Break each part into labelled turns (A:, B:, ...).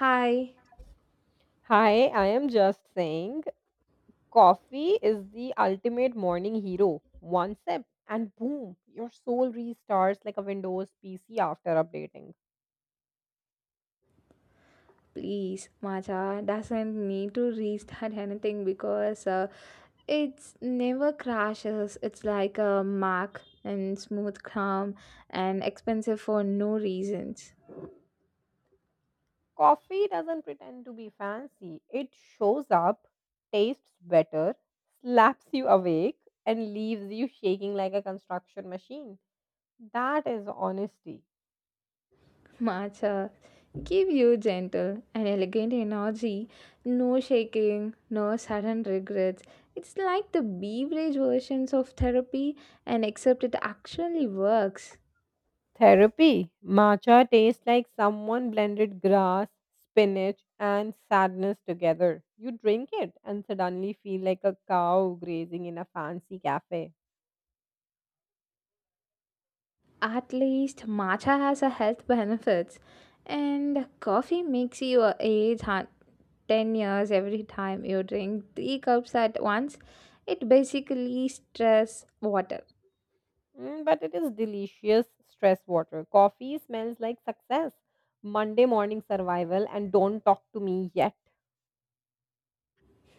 A: Hi,
B: Hi, I am just saying coffee is the ultimate morning hero. One sip and boom, your soul restarts like a Windows PC after updating.
A: please, Macha doesn't need to restart anything because it's never crashes. It's like a Mac and smooth calm and expensive for no reasons.
B: Coffee doesn't pretend to be fancy, it shows up, tastes better, slaps you awake, and leaves you shaking like a construction machine. That is honesty.
A: Matcha, give you gentle and elegant energy, no shaking, no sudden regrets. It's like the beverage versions of therapy, and except it actually works.
B: Therapy. Matcha tastes like someone blended grass, spinach, and sadness together. You drink it and suddenly feel like a cow grazing in a fancy cafe.
A: At least matcha has a health benefits and coffee makes you 10 years every time you drink 3 cups at once. It basically stress water.
B: But it is delicious stress water. Coffee smells like success, Monday morning survival, and don't talk to me yet.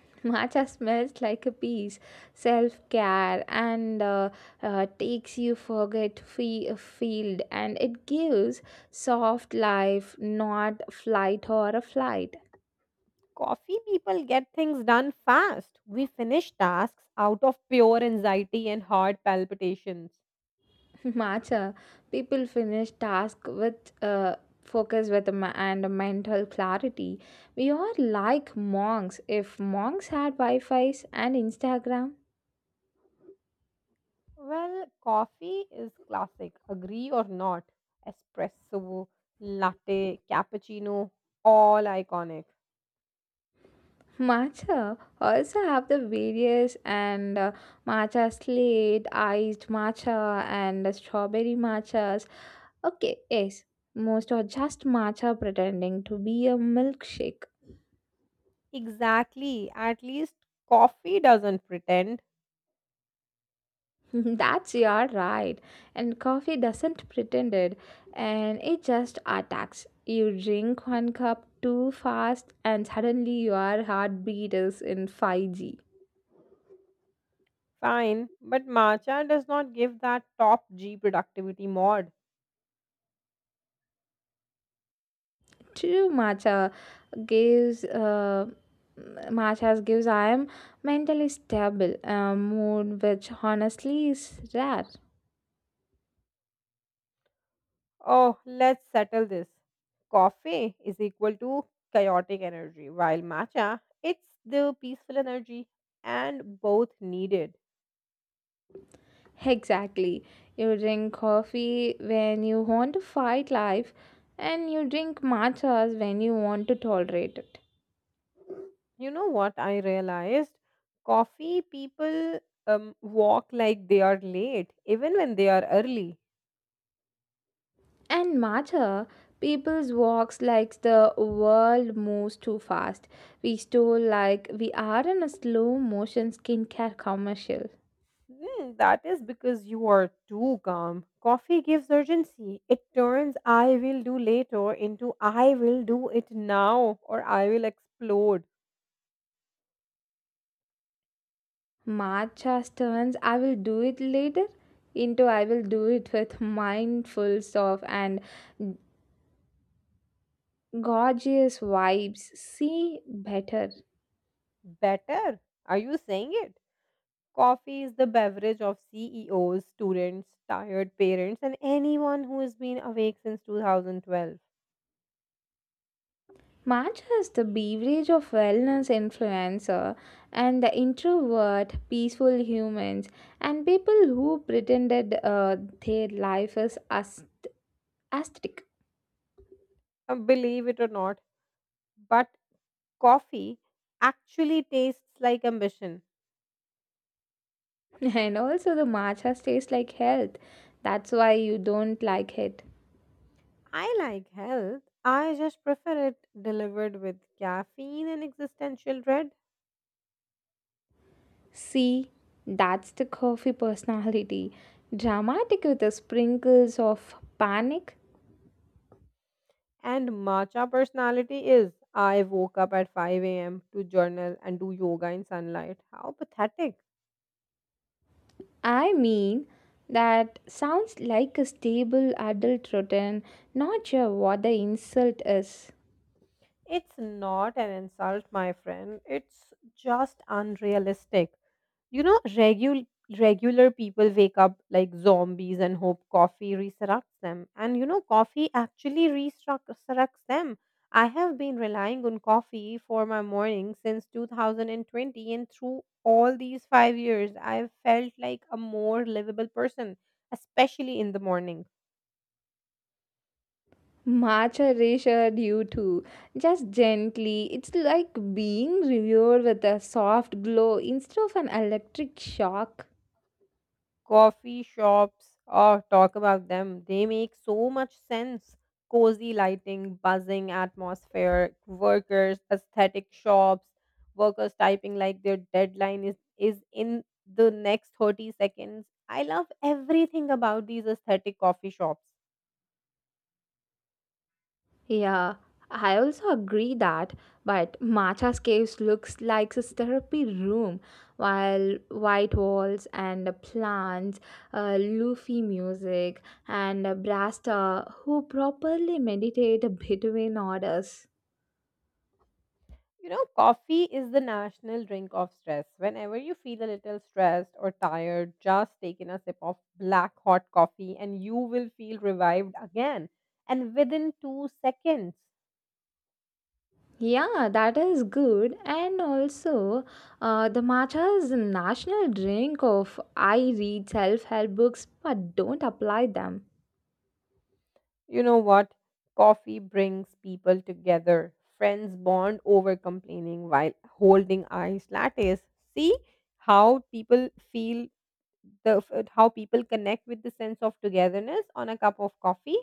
A: Matcha smells like a peace, self-care and takes you field and it gives soft life, not flight or a flight.
B: Coffee people get things done fast. We finish tasks out of pure anxiety and heart palpitations.
A: Matcha. People finish task with focus with a ma- and a mental clarity. We are like monks. If monks had Wi-Fi's and Instagram,
B: Well, coffee is classic, agree or not. Espresso, latte, cappuccino, all iconic.
A: matcha also have the various and matcha slate, iced matcha, and strawberry matchas. Okay, yes, most are just matcha pretending to be a milkshake.
B: Exactly. At least coffee doesn't pretend.
A: That's your right. And coffee doesn't pretend it, and it just attacks. You drink one cup too fast, and suddenly your heartbeat is in 5G.
B: Fine, but matcha does not give that top G productivity mod.
A: True matcha gives matchas gives I am mentally stable, a mood which honestly is rare.
B: Oh, let's settle this. Coffee is equal to chaotic energy, while matcha, it's the peaceful energy, and both needed.
A: Exactly. You drink coffee when you want to fight life, and you drink matchas when you want to tolerate it.
B: You know what I realized? Coffee people walk like they are late even when they are early.
A: And matter, people's walks like the world moves too fast. We stole like we are in a slow motion skincare commercial.
B: Hmm, that is because you are too calm. Coffee gives urgency. It turns "I will do later" into "I will do it now or I will explode."
A: Matcha turns I will do it later into I will do it with mindful of and gorgeous vibes. See better.
B: Better, are you saying it? Coffee is the beverage of CEOs, students, tired parents, and anyone who has been awake since 2012.
A: Matcha is the beverage of wellness influencer and the introvert, peaceful humans, and people who pretended their life is ascetic.
B: Believe it or not, but coffee actually tastes like ambition.
A: And also, the matcha tastes like health. That's why you don't like it.
B: I like health. I just prefer it delivered with caffeine and existential dread.
A: See, that's the coffee personality. Dramatic with the sprinkles of panic.
B: And matcha personality is I woke up at 5 a.m. to journal and do yoga in sunlight. How pathetic.
A: I mean, that sounds like a stable adult routine, not sure what the insult is.
B: It's not an insult, my friend. It's just unrealistic. You know, regular people wake up like zombies and hope coffee resurrects them. And you know, coffee actually resurrects them. I have been relying on coffee for my morning since 2020, and through all these 5 years, I've felt like a more livable person, especially in the morning.
A: Much reassured you too, just gently. It's like being reviewed with a soft glow instead of an electric shock.
B: Coffee shops. Oh, talk about them. They make so much sense. Cozy lighting, buzzing atmosphere, workers, aesthetic shops, workers typing like their deadline is in the next 30 seconds. I love everything about these aesthetic coffee shops.
A: Yeah, I also agree that, but Matcha's caves looks like a therapy room, while white walls and plants, loofy music, and a Brasta who properly meditate between orders.
B: You know, coffee is the national drink of stress. Whenever you feel a little stressed or tired, just take in a sip of black hot coffee and you will feel revived again. And within 2 seconds,
A: Yeah, that is good. And also, the matcha is a national drink of I read self-help books but don't apply them.
B: you know what? Coffee brings people together. Friends bond over complaining while holding iced lattes. See how people feel how people connect with the sense of togetherness on a cup of coffee.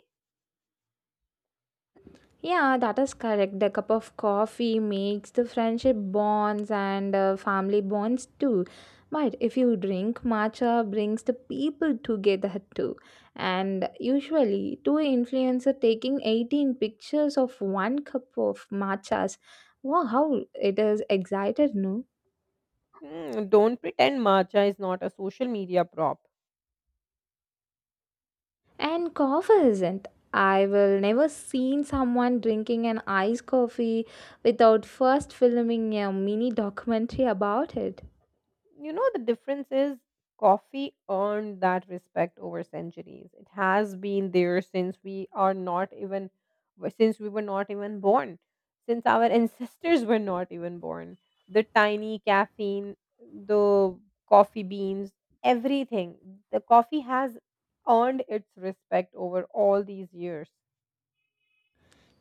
A: Yeah, that is correct. The cup of coffee makes the friendship bonds and family bonds too. But if you drink matcha, brings the people together too. And usually, two influencer taking 18 pictures of one cup of matchas. Wow, how it is excited, no?
B: Hmm, don't pretend matcha is not a social media prop.
A: And coffee isn't. I will never seen someone drinking an iced coffee without first filming a mini documentary about it.
B: You know, the difference is coffee earned that respect over centuries. It has been there since we are not even, since we were not even born, since our ancestors were not even born. The tiny caffeine, the coffee beans, everything. The coffee has earned its respect over all these years.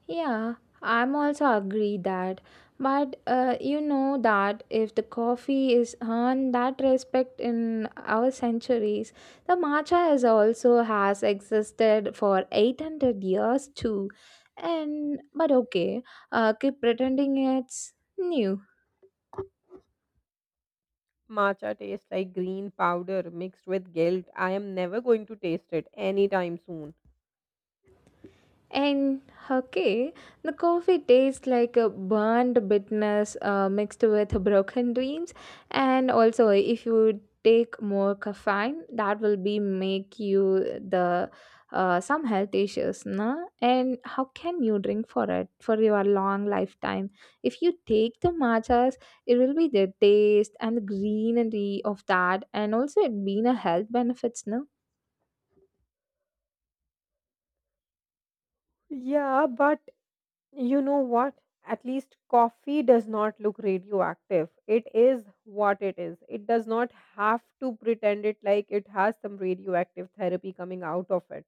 A: Yeah, I'm also agree that. But you know that if the coffee is earned that respect in our centuries, the matcha has also has existed for 800 years too. And but okay, keep pretending it's new.
B: Matcha tastes like green powder mixed with guilt. I am never going to taste it anytime soon.
A: And okay, the coffee tastes like a burned bitterness mixed with broken dreams. And also, if you take more caffeine, that will be make you the some health issues, na? And how can you drink for it for your long lifetime? If you take the matcha it will be the taste and the greenery of that and also it being a health benefits no.
B: Yeah, but you know what? At least coffee does not look radioactive. It is what it is. It does not have to pretend it like it has some radioactive therapy coming out of it.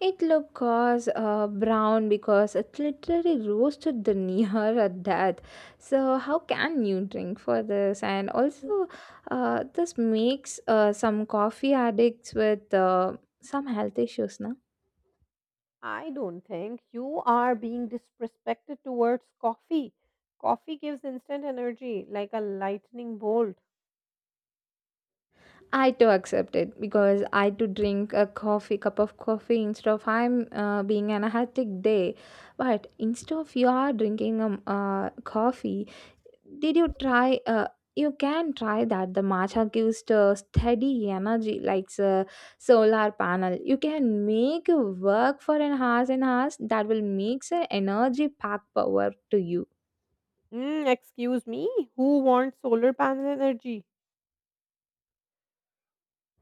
A: It look cause brown because it literally roasted the near at that. So how can you drink for this? And also, this makes some coffee addicts with some health issues, no?
B: I don't think you are being disrespected towards coffee. Coffee gives instant energy like a lightning bolt.
A: I too accept it because I too drink a coffee, cup of coffee instead of I'm being an hectic day. But instead of you are drinking a coffee, did you try? You can try that. The matcha gives the steady energy, like a solar panel. You can make work for an hours and hours that will make an energy pack power to you.
B: Excuse me, who wants solar panel energy?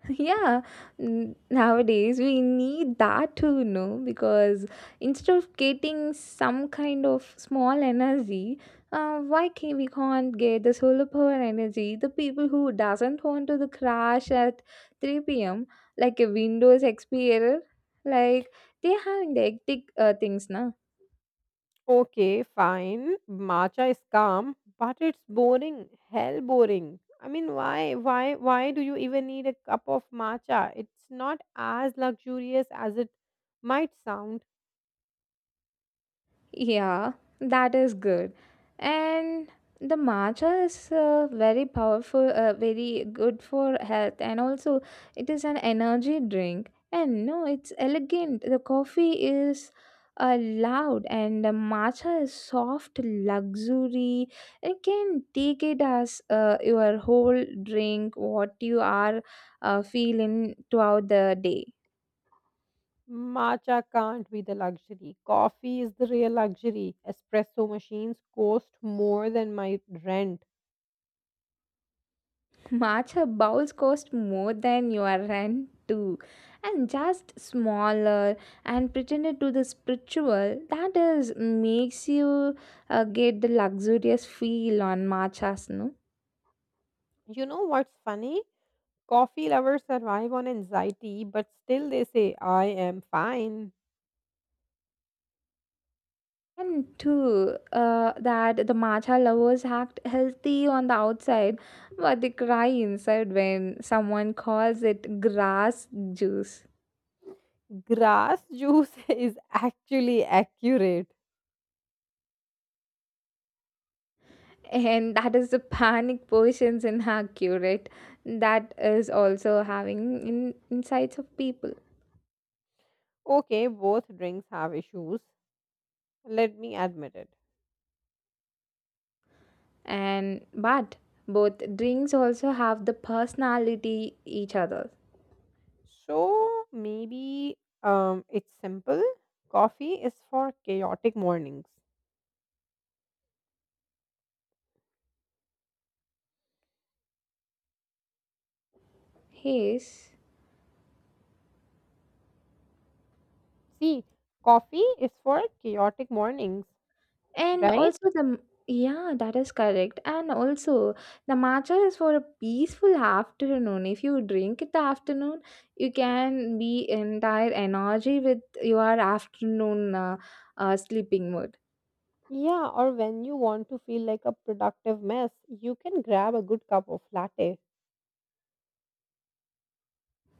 A: Yeah, nowadays we need that too, you know, because instead of getting some kind of small energy, why can't we can't get the solar power energy? The people who doesn't want to the crash at 3 p.m. like a Windows XP error, like they have hectic things, na.
B: Okay, fine. Matcha is calm, but it's boring. Hell boring. I mean, why do you even need a cup of matcha? It's not as luxurious as it might sound.
A: Yeah, that is good. And the matcha is very powerful, very good for health, and also it is an energy drink. And no, it's elegant. The coffee is loud, and the matcha is soft, luxury. You can take it as your whole drink, what you are feeling throughout the day.
B: Matcha can't be the luxury. Coffee is the real luxury. Espresso machines cost more than my rent.
A: Matcha bowls cost more than your rent too, and just smaller and pretended to the spiritual. That is makes you get the luxurious feel on matchas, no.
B: You know what's funny? Coffee lovers survive on anxiety, but still they say, I am fine.
A: And two, that the matcha lovers act healthy on the outside, but they cry inside when someone calls it grass juice.
B: Grass juice is actually accurate.
A: And that is the panic positions in her curate that is also having insights of people.
B: Okay, both drinks have issues. Let me admit it.
A: And but both drinks also have the personality each other.
B: So maybe it's simple. Coffee is for chaotic mornings.
A: Yes,
B: See, coffee is for chaotic mornings,
A: and
B: right?
A: also the, yeah, that is correct, and also the matcha is for a peaceful afternoon. If you drink it the afternoon you can be entire energy with your afternoon sleeping mood.
B: Yeah, or when you want to feel like a productive mess, you can grab a good cup of latte.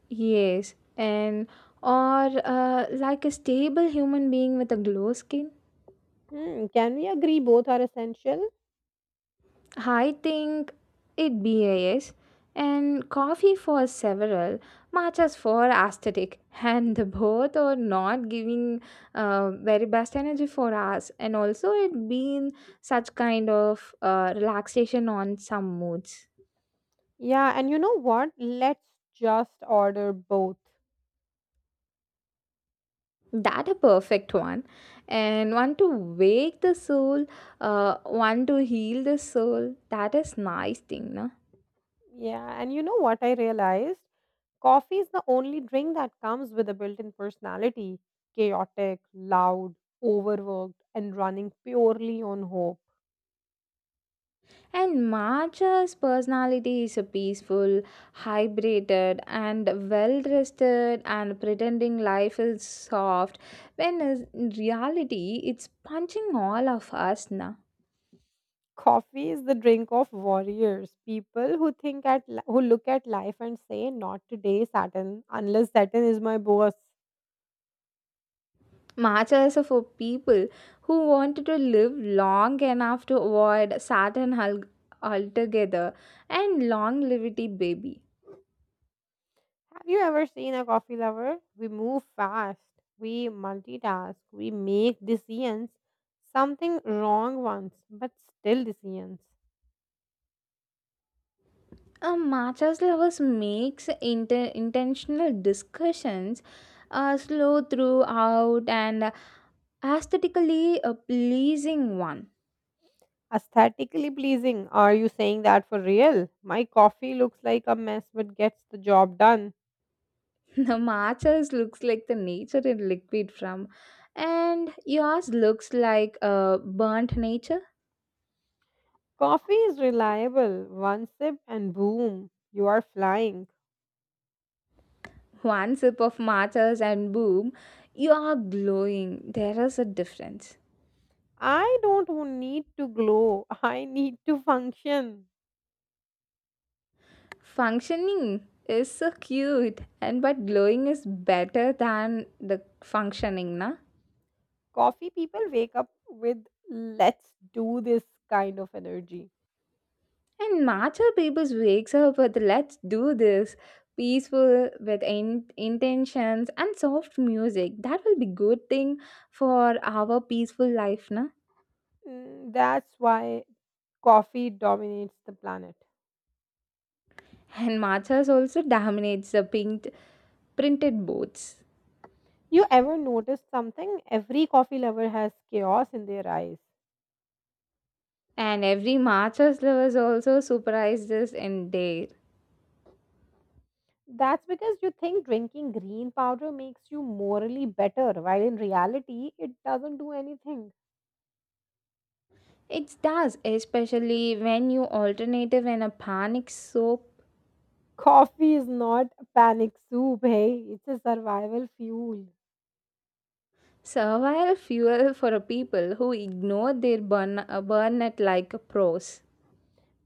A: Yes, and or like a stable human being with a glow skin.
B: Hmm, can we agree both are essential?
A: I think it BAS and coffee for several, matchas for aesthetic, and the both are not giving very best energy for us. And also, it being such kind of relaxation on some moods.
B: Yeah, and you know what? Let's just order both.
A: That a perfect one and one to wake the soul, one to heal the soul. That is nice thing, no?
B: Yeah, and you know what I realized? Coffee is the only drink that comes with a built-in personality, chaotic, loud, overworked, and running purely on hope.
A: And marcha's personality is a peaceful hydrated and well rested and pretending life is soft when in reality it's punching all of us, na.
B: Coffee is the drink of warriors, people who think who look at life and say, "Not today, Saturn, unless Saturn is my boss."
A: Matchas are for people who wanted to live long enough to avoid Saturn altogether and longevity baby.
B: Have you ever seen a coffee lover? We move fast, we multitask, we make decisions. Something wrong once, but still decisions.
A: Matchas lovers makes intentional discussions slow throughout and aesthetically a pleasing one.
B: Aesthetically pleasing. Are you saying that for real? My coffee looks like a mess but gets the job done.
A: The matchas looks like the nature in liquid from and yours looks like a burnt nature.
B: Coffee is reliable. One sip and boom, you are flying.
A: One sip of matchas and boom, you are glowing. There is a difference.
B: I don't need to glow. I need to function.
A: Functioning is so cute, and but glowing is better than the functioning, na?
B: Coffee people wake up with "let's do this" kind of energy.
A: And matcha peoples wakes up with let's do this peaceful with intentions and soft music. That will be good thing for our peaceful life, na?
B: That's why coffee dominates the planet.
A: And matchas also dominates the pink printed boards.
B: You ever noticed something? Every coffee lover has chaos in their eyes.
A: And every Masters lovers also surprised this in there.
B: That's because you think drinking green powder makes you morally better, while in reality, it doesn't do anything.
A: It does, especially when you alternative and a panic soap.
B: Coffee is not a panic soup, hey, it's a survival fuel.
A: Survival fuel for a people who ignore their burnout like pros.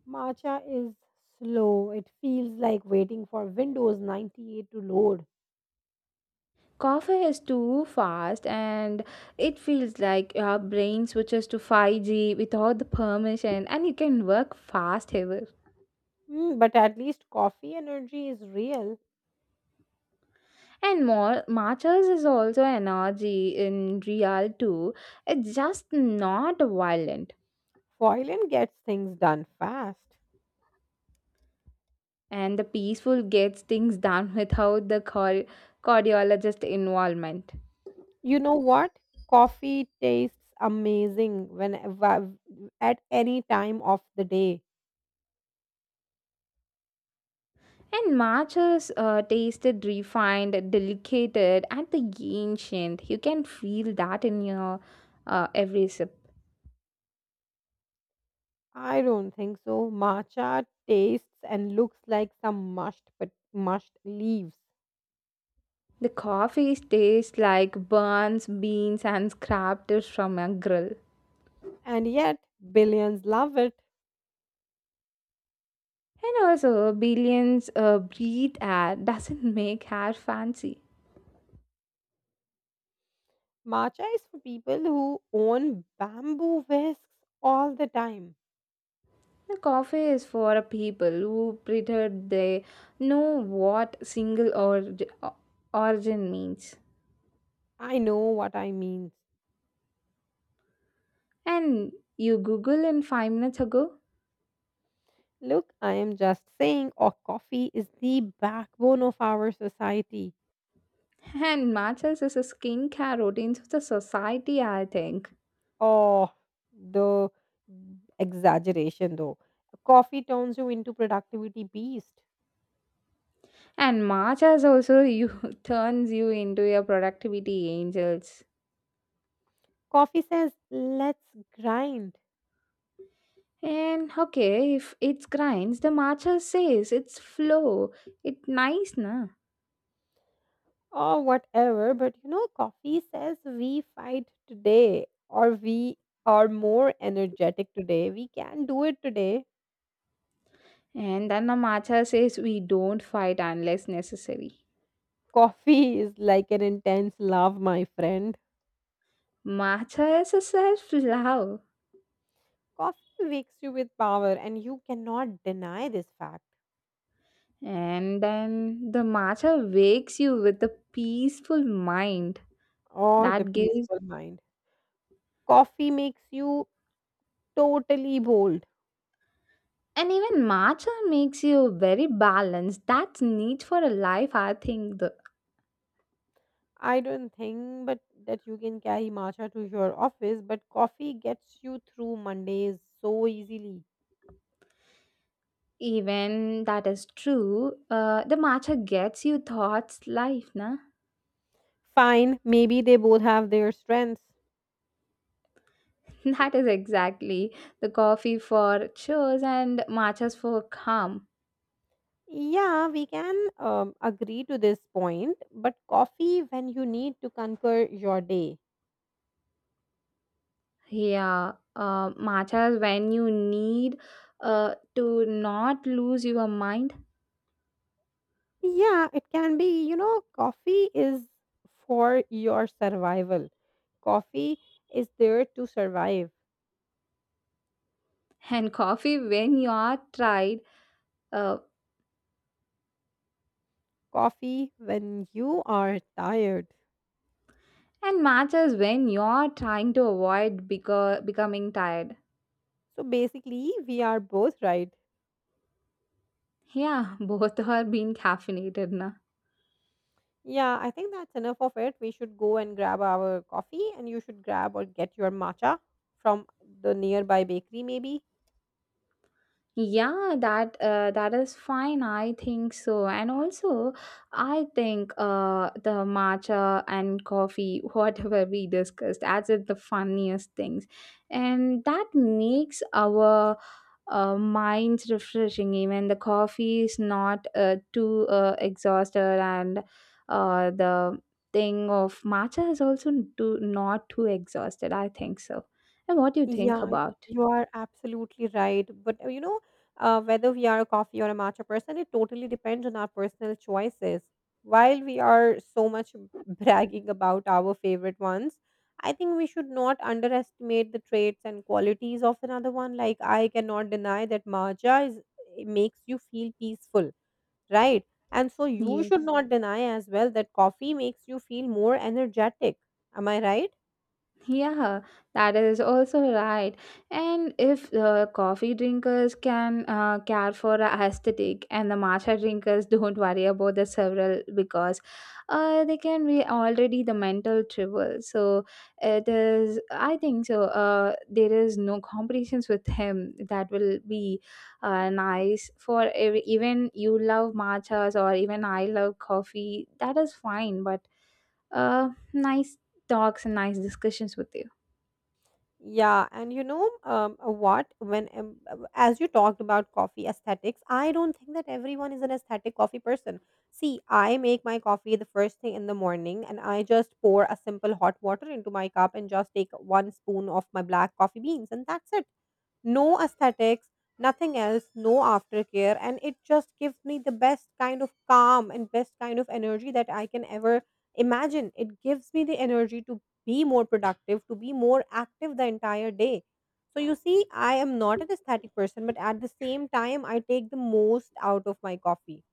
B: Matcha is slow, it feels like waiting for Windows 98 to load.
A: Coffee is too fast and it feels like your brain switches to 5G without the permission and you can work fast ever.
B: But at least coffee energy is real.
A: And more matches is also energy in real too. It's just not violent.
B: Foilin gets things done fast.
A: And the peaceful gets things done without the cardiologist involvement.
B: You know what? Coffee tastes amazing when at any time of the day.
A: And matches tasted refined, delicate, and the ancient. You can feel that in your every sip.
B: I don't think so. Matcha tastes and looks like some mushed but mushed leaves.
A: The coffee tastes like burns, beans, and scraps from a grill.
B: And yet billions love it.
A: And also, billions breathe air doesn't make hair fancy.
B: Matcha is for people who own bamboo whisks all the time.
A: The coffee is for people who prefer they know what origin means.
B: I know what I mean.
A: And you Google in 5 minutes ago.
B: Look, I am just saying or coffee is the backbone of our society.
A: And matcha is a skincare routine of the society, I think.
B: Oh, the exaggeration though. Coffee turns you into productivity beast.
A: And matcha also you turns you into your productivity angels.
B: Coffee says, let's grind.
A: And okay, if it grinds, the matcha says it's flow. It nice, na?
B: Or whatever, but you know coffee says we fight today, or we are more energetic today, we can do it today.
A: And then the matcha says we don't fight unless necessary.
B: Coffee is like an intense love, my friend.
A: Matcha is a self love,
B: Coffee wakes you with power, and you cannot deny this fact.
A: and then the matcha wakes you with a peaceful mind
B: Oh, the
A: that gives,
B: peaceful mind. Coffee makes you totally bold.
A: and even matcha makes you very balanced. That's neat for a life, I think. The,
B: I don't think but that you can carry matcha to your office, but coffee gets you through Mondays so easily.
A: even that is true, the matcha gets you thoughts life, na?
B: Fine, maybe they both have their strengths.
A: That is exactly the coffee for chores and matchas for calm.
B: Yeah, we can agree to this point, but coffee when you need to conquer your day.
A: Yeah, matchas when you need to not lose your mind,
B: Yeah, it can be, you know, coffee is for your survival. Coffee is there to survive.
A: and coffee when you are tired, uh,
B: Coffee when you are tired.
A: and matchas when you are trying to avoid becoming tired.
B: So basically, we are both right.
A: Yeah, both are being caffeinated, na.
B: Yeah, I think that's enough of it. We should go and grab our coffee, and you should grab or get your matcha from the nearby bakery, maybe.
A: Yeah, that is fine. I think so. And also, I think the matcha and coffee, whatever we discussed, as it the funniest things, and that makes our minds refreshing. Even the coffee is not too exhausted, and the thing of matcha is also too, not too exhausted. I think so. And what do you think
B: Yeah,
A: about?
B: you are absolutely right. But you know, whether we are a coffee or a matcha person, it totally depends on our personal choices. While we are so much bragging about our favorite ones, I think we should not underestimate the traits and qualities of another one. Like, I cannot deny that matcha is, it makes you feel peaceful, right? And so you should
A: Yes.
B: not deny as well that coffee makes you feel more energetic. Am I right?
A: Yeah, that is also right. And if coffee drinkers can care for a aesthetic and the matcha drinkers don't worry about the several because they can be already the mental trivial. So it is, I think so. There is no competitions with him that will be nice for every, even you love matchas or even I love coffee. That is fine, but nice talks and nice discussions with you.
B: Yeah, and you know what? When As you talked about coffee aesthetics, I don't think that everyone is an aesthetic coffee person. See, I make my coffee the first thing in the morning, and I just pour a simple hot water into my cup and just take one spoon of my black coffee beans, and that's it. No aesthetics, nothing else, no aftercare. And it just gives me the best kind of calm and best kind of energy that I can ever imagine. It gives me the energy to be more productive, to be more active the entire day. So you see, I am not an aesthetic person, but at the same time, I take the most out of my coffee.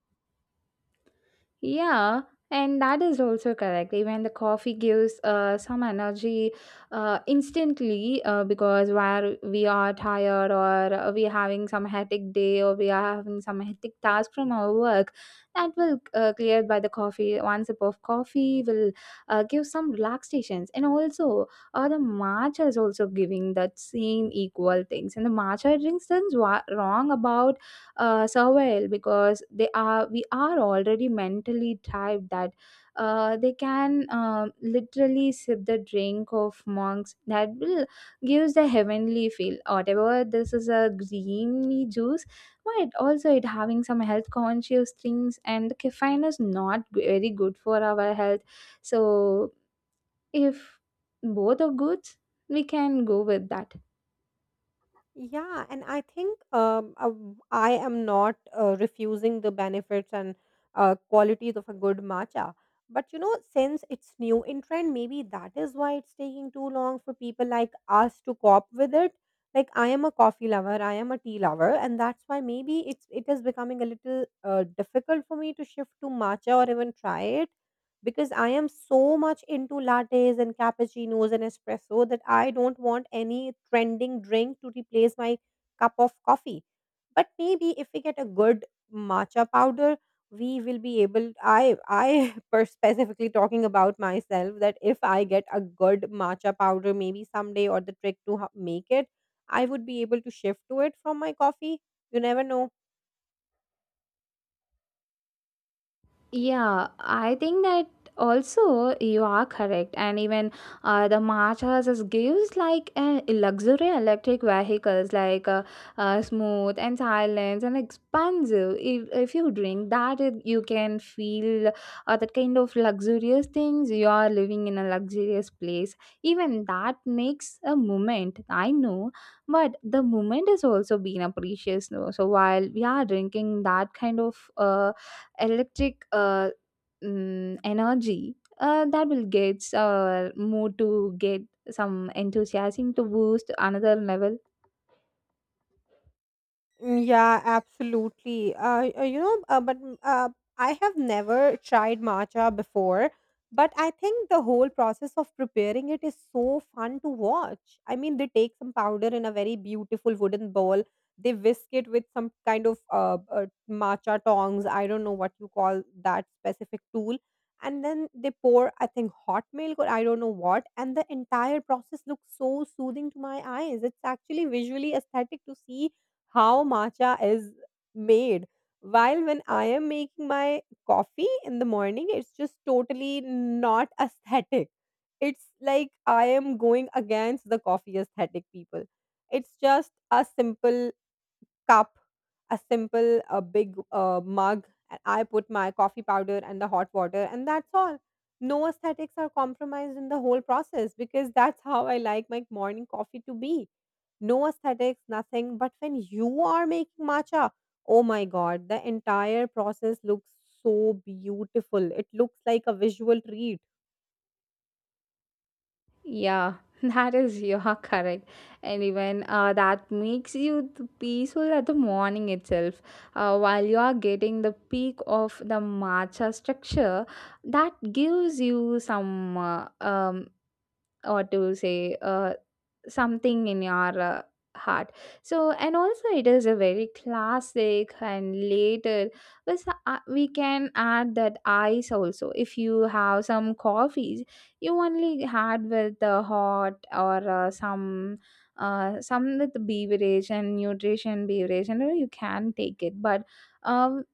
A: Yeah, and that is also correct. Even the coffee gives some energy instantly because where we are tired or we are having some hectic day or we are having some hectic task from our work, that will cleared by the coffee. One sip of coffee will give some relaxations. And also, the matcha is also giving that same equal things. And the matcha drinks, things wrong about surveil because they are we are already mentally typed that they can literally sip the drink of monks that will gives the heavenly feel whatever this is a greeny juice, but also it having some health conscious things, and caffeine is not very good for our health. So if both are good, we can go with that.
B: Yeah, and I think I am not refusing the benefits and qualities of a good matcha. But you know, since it's new in trend, maybe that is why it's taking too long for people like us to cope with it. Like I am a coffee lover, I am a tea lover, and that's why maybe it is becoming a little difficult for me to shift to matcha or even try it because I am so much into lattes and cappuccinos and espresso that I don't want any trending drink to replace my cup of coffee. But maybe if we get a good matcha powder, we will be able I specifically talking about myself that if I get a good matcha powder maybe someday or the trick to make it, I would be able to shift to it from my coffee. You never know.
A: Yeah, I think that also you are correct. And even the Maharajas is gives like a luxury electric vehicles like smooth and silent and expansive. If you drink that, it, you can feel that kind of luxurious things. You are living in a luxurious place. Even that makes a moment. I know, but the moment is also being a precious. No? So while we are drinking that kind of electric energy that will get our mood to get some enthusiasm to boost another level.
B: Mm, yeah, absolutely. You know, but I have never tried matcha before, but I think the whole process of preparing it is so fun to watch. I mean, they take some powder in a very beautiful wooden bowl. They whisk it with some kind of matcha tongs. I don't know what you call that specific tool. And then they pour, I think, hot milk or I don't know what. And the entire process looks so soothing to my eyes. It's actually visually aesthetic to see how matcha is made. While when I am making my coffee in the morning, it's just totally not aesthetic. It's like I am going against the coffee aesthetic people. It's just a simple cup, a big mug, and I put my coffee powder and the hot water, and that's all. No aesthetics are compromised in the whole process because that's how I like my morning coffee to be. No aesthetics, nothing. But when you are making matcha, oh my god, the entire process looks so beautiful. It looks like a visual treat.
A: Yeah, that is you are correct. And even that makes you peaceful at the morning itself while you are getting the peak of the matcha structure that gives you some or to say something in your heart. So and also it is a very classic and later was we can add that ice also. If you have some coffees you only had with the hot or some with beverage and nutrition beverage and you can take it, but um,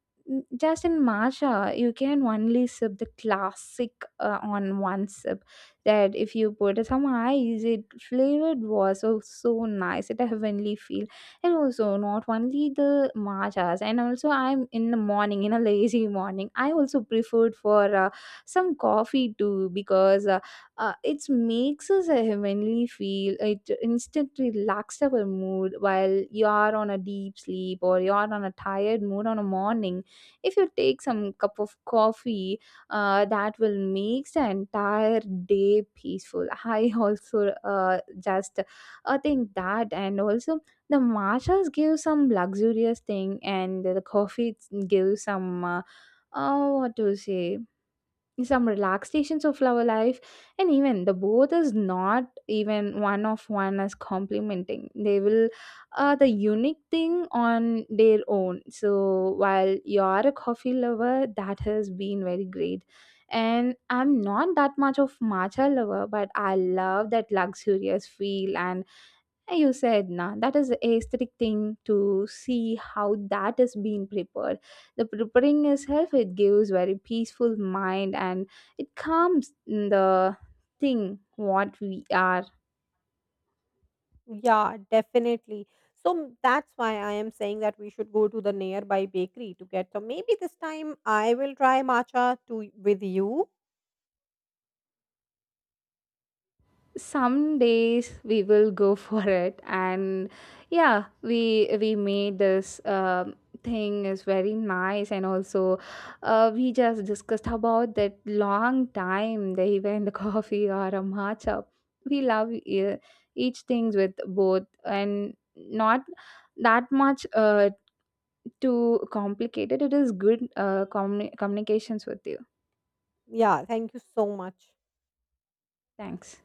A: just in matcha you can only sip the classic on one sip. That if you put some ice it flavored was so, so nice, it a heavenly feel. And also not only the matchas, and also I'm in the morning, in a lazy morning I also preferred for some coffee too, because it makes us a heavenly feel. It instantly relaxes our mood while you are on a deep sleep or you are on a tired mood on a morning. If you take some cup of coffee, that will make the entire day peaceful. I also just think that. And also the matchas give some luxurious thing, and the coffee gives some what to say, some relaxations of our life. And even the both is not even one of one as complementing, they will the unique thing on their own. So while you're a coffee lover, that has been very great. And I'm not that much of matcha lover, but I love that luxurious feel. And you said nah, that is a aesthetic thing to see how that is being prepared. The preparing itself, it gives very peaceful mind and it calms the thing what we are.
B: Yeah, definitely. So that's why I am saying that we should go to the nearby bakery to get some. Maybe this time I will try matcha to with you.
A: Some days we will go for it. And yeah, we made this thing is very nice. And also we just discussed about that long time, the even the coffee or a matcha, we love each things with both and not that much too complicated. It is good communications with you.
B: Yeah, thank you so much.
A: Thanks.